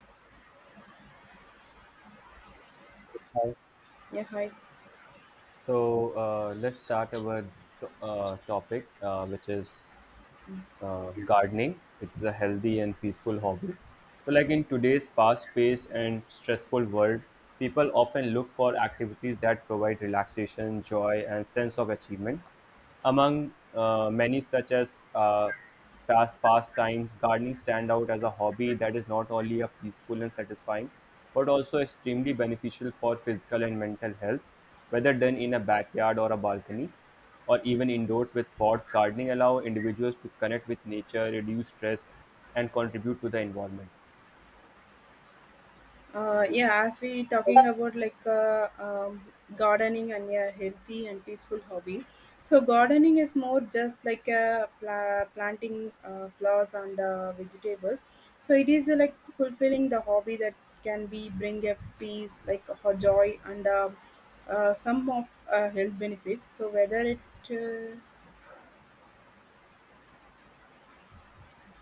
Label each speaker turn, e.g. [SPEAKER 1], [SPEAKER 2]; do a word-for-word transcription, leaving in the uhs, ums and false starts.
[SPEAKER 1] Hi.
[SPEAKER 2] Yeah, hi.
[SPEAKER 1] So uh, let's start our to- uh, topic, uh, which is uh, gardening, which is a healthy and peaceful hobby. So, like in today's fast-paced and stressful world, people often look for activities that provide relaxation, joy, and sense of achievement. Among uh, many such as uh, past pastimes, gardening stand out as a hobby that is not only a peaceful and satisfying, but also extremely beneficial for physical and mental health, whether done in a backyard or a balcony, or even indoors with pots. Gardening allow individuals to connect with nature, reduce stress, and contribute to the environment.
[SPEAKER 2] Uh, yeah, as we talking about like uh, um, gardening and yeah, healthy and peaceful hobby. So gardening is more just like uh, pla- planting uh, flowers and uh, vegetables. So it is uh, like fulfilling the hobby that can be bring a peace, like a joy and uh, uh, some of uh, health benefits. So whether it uh,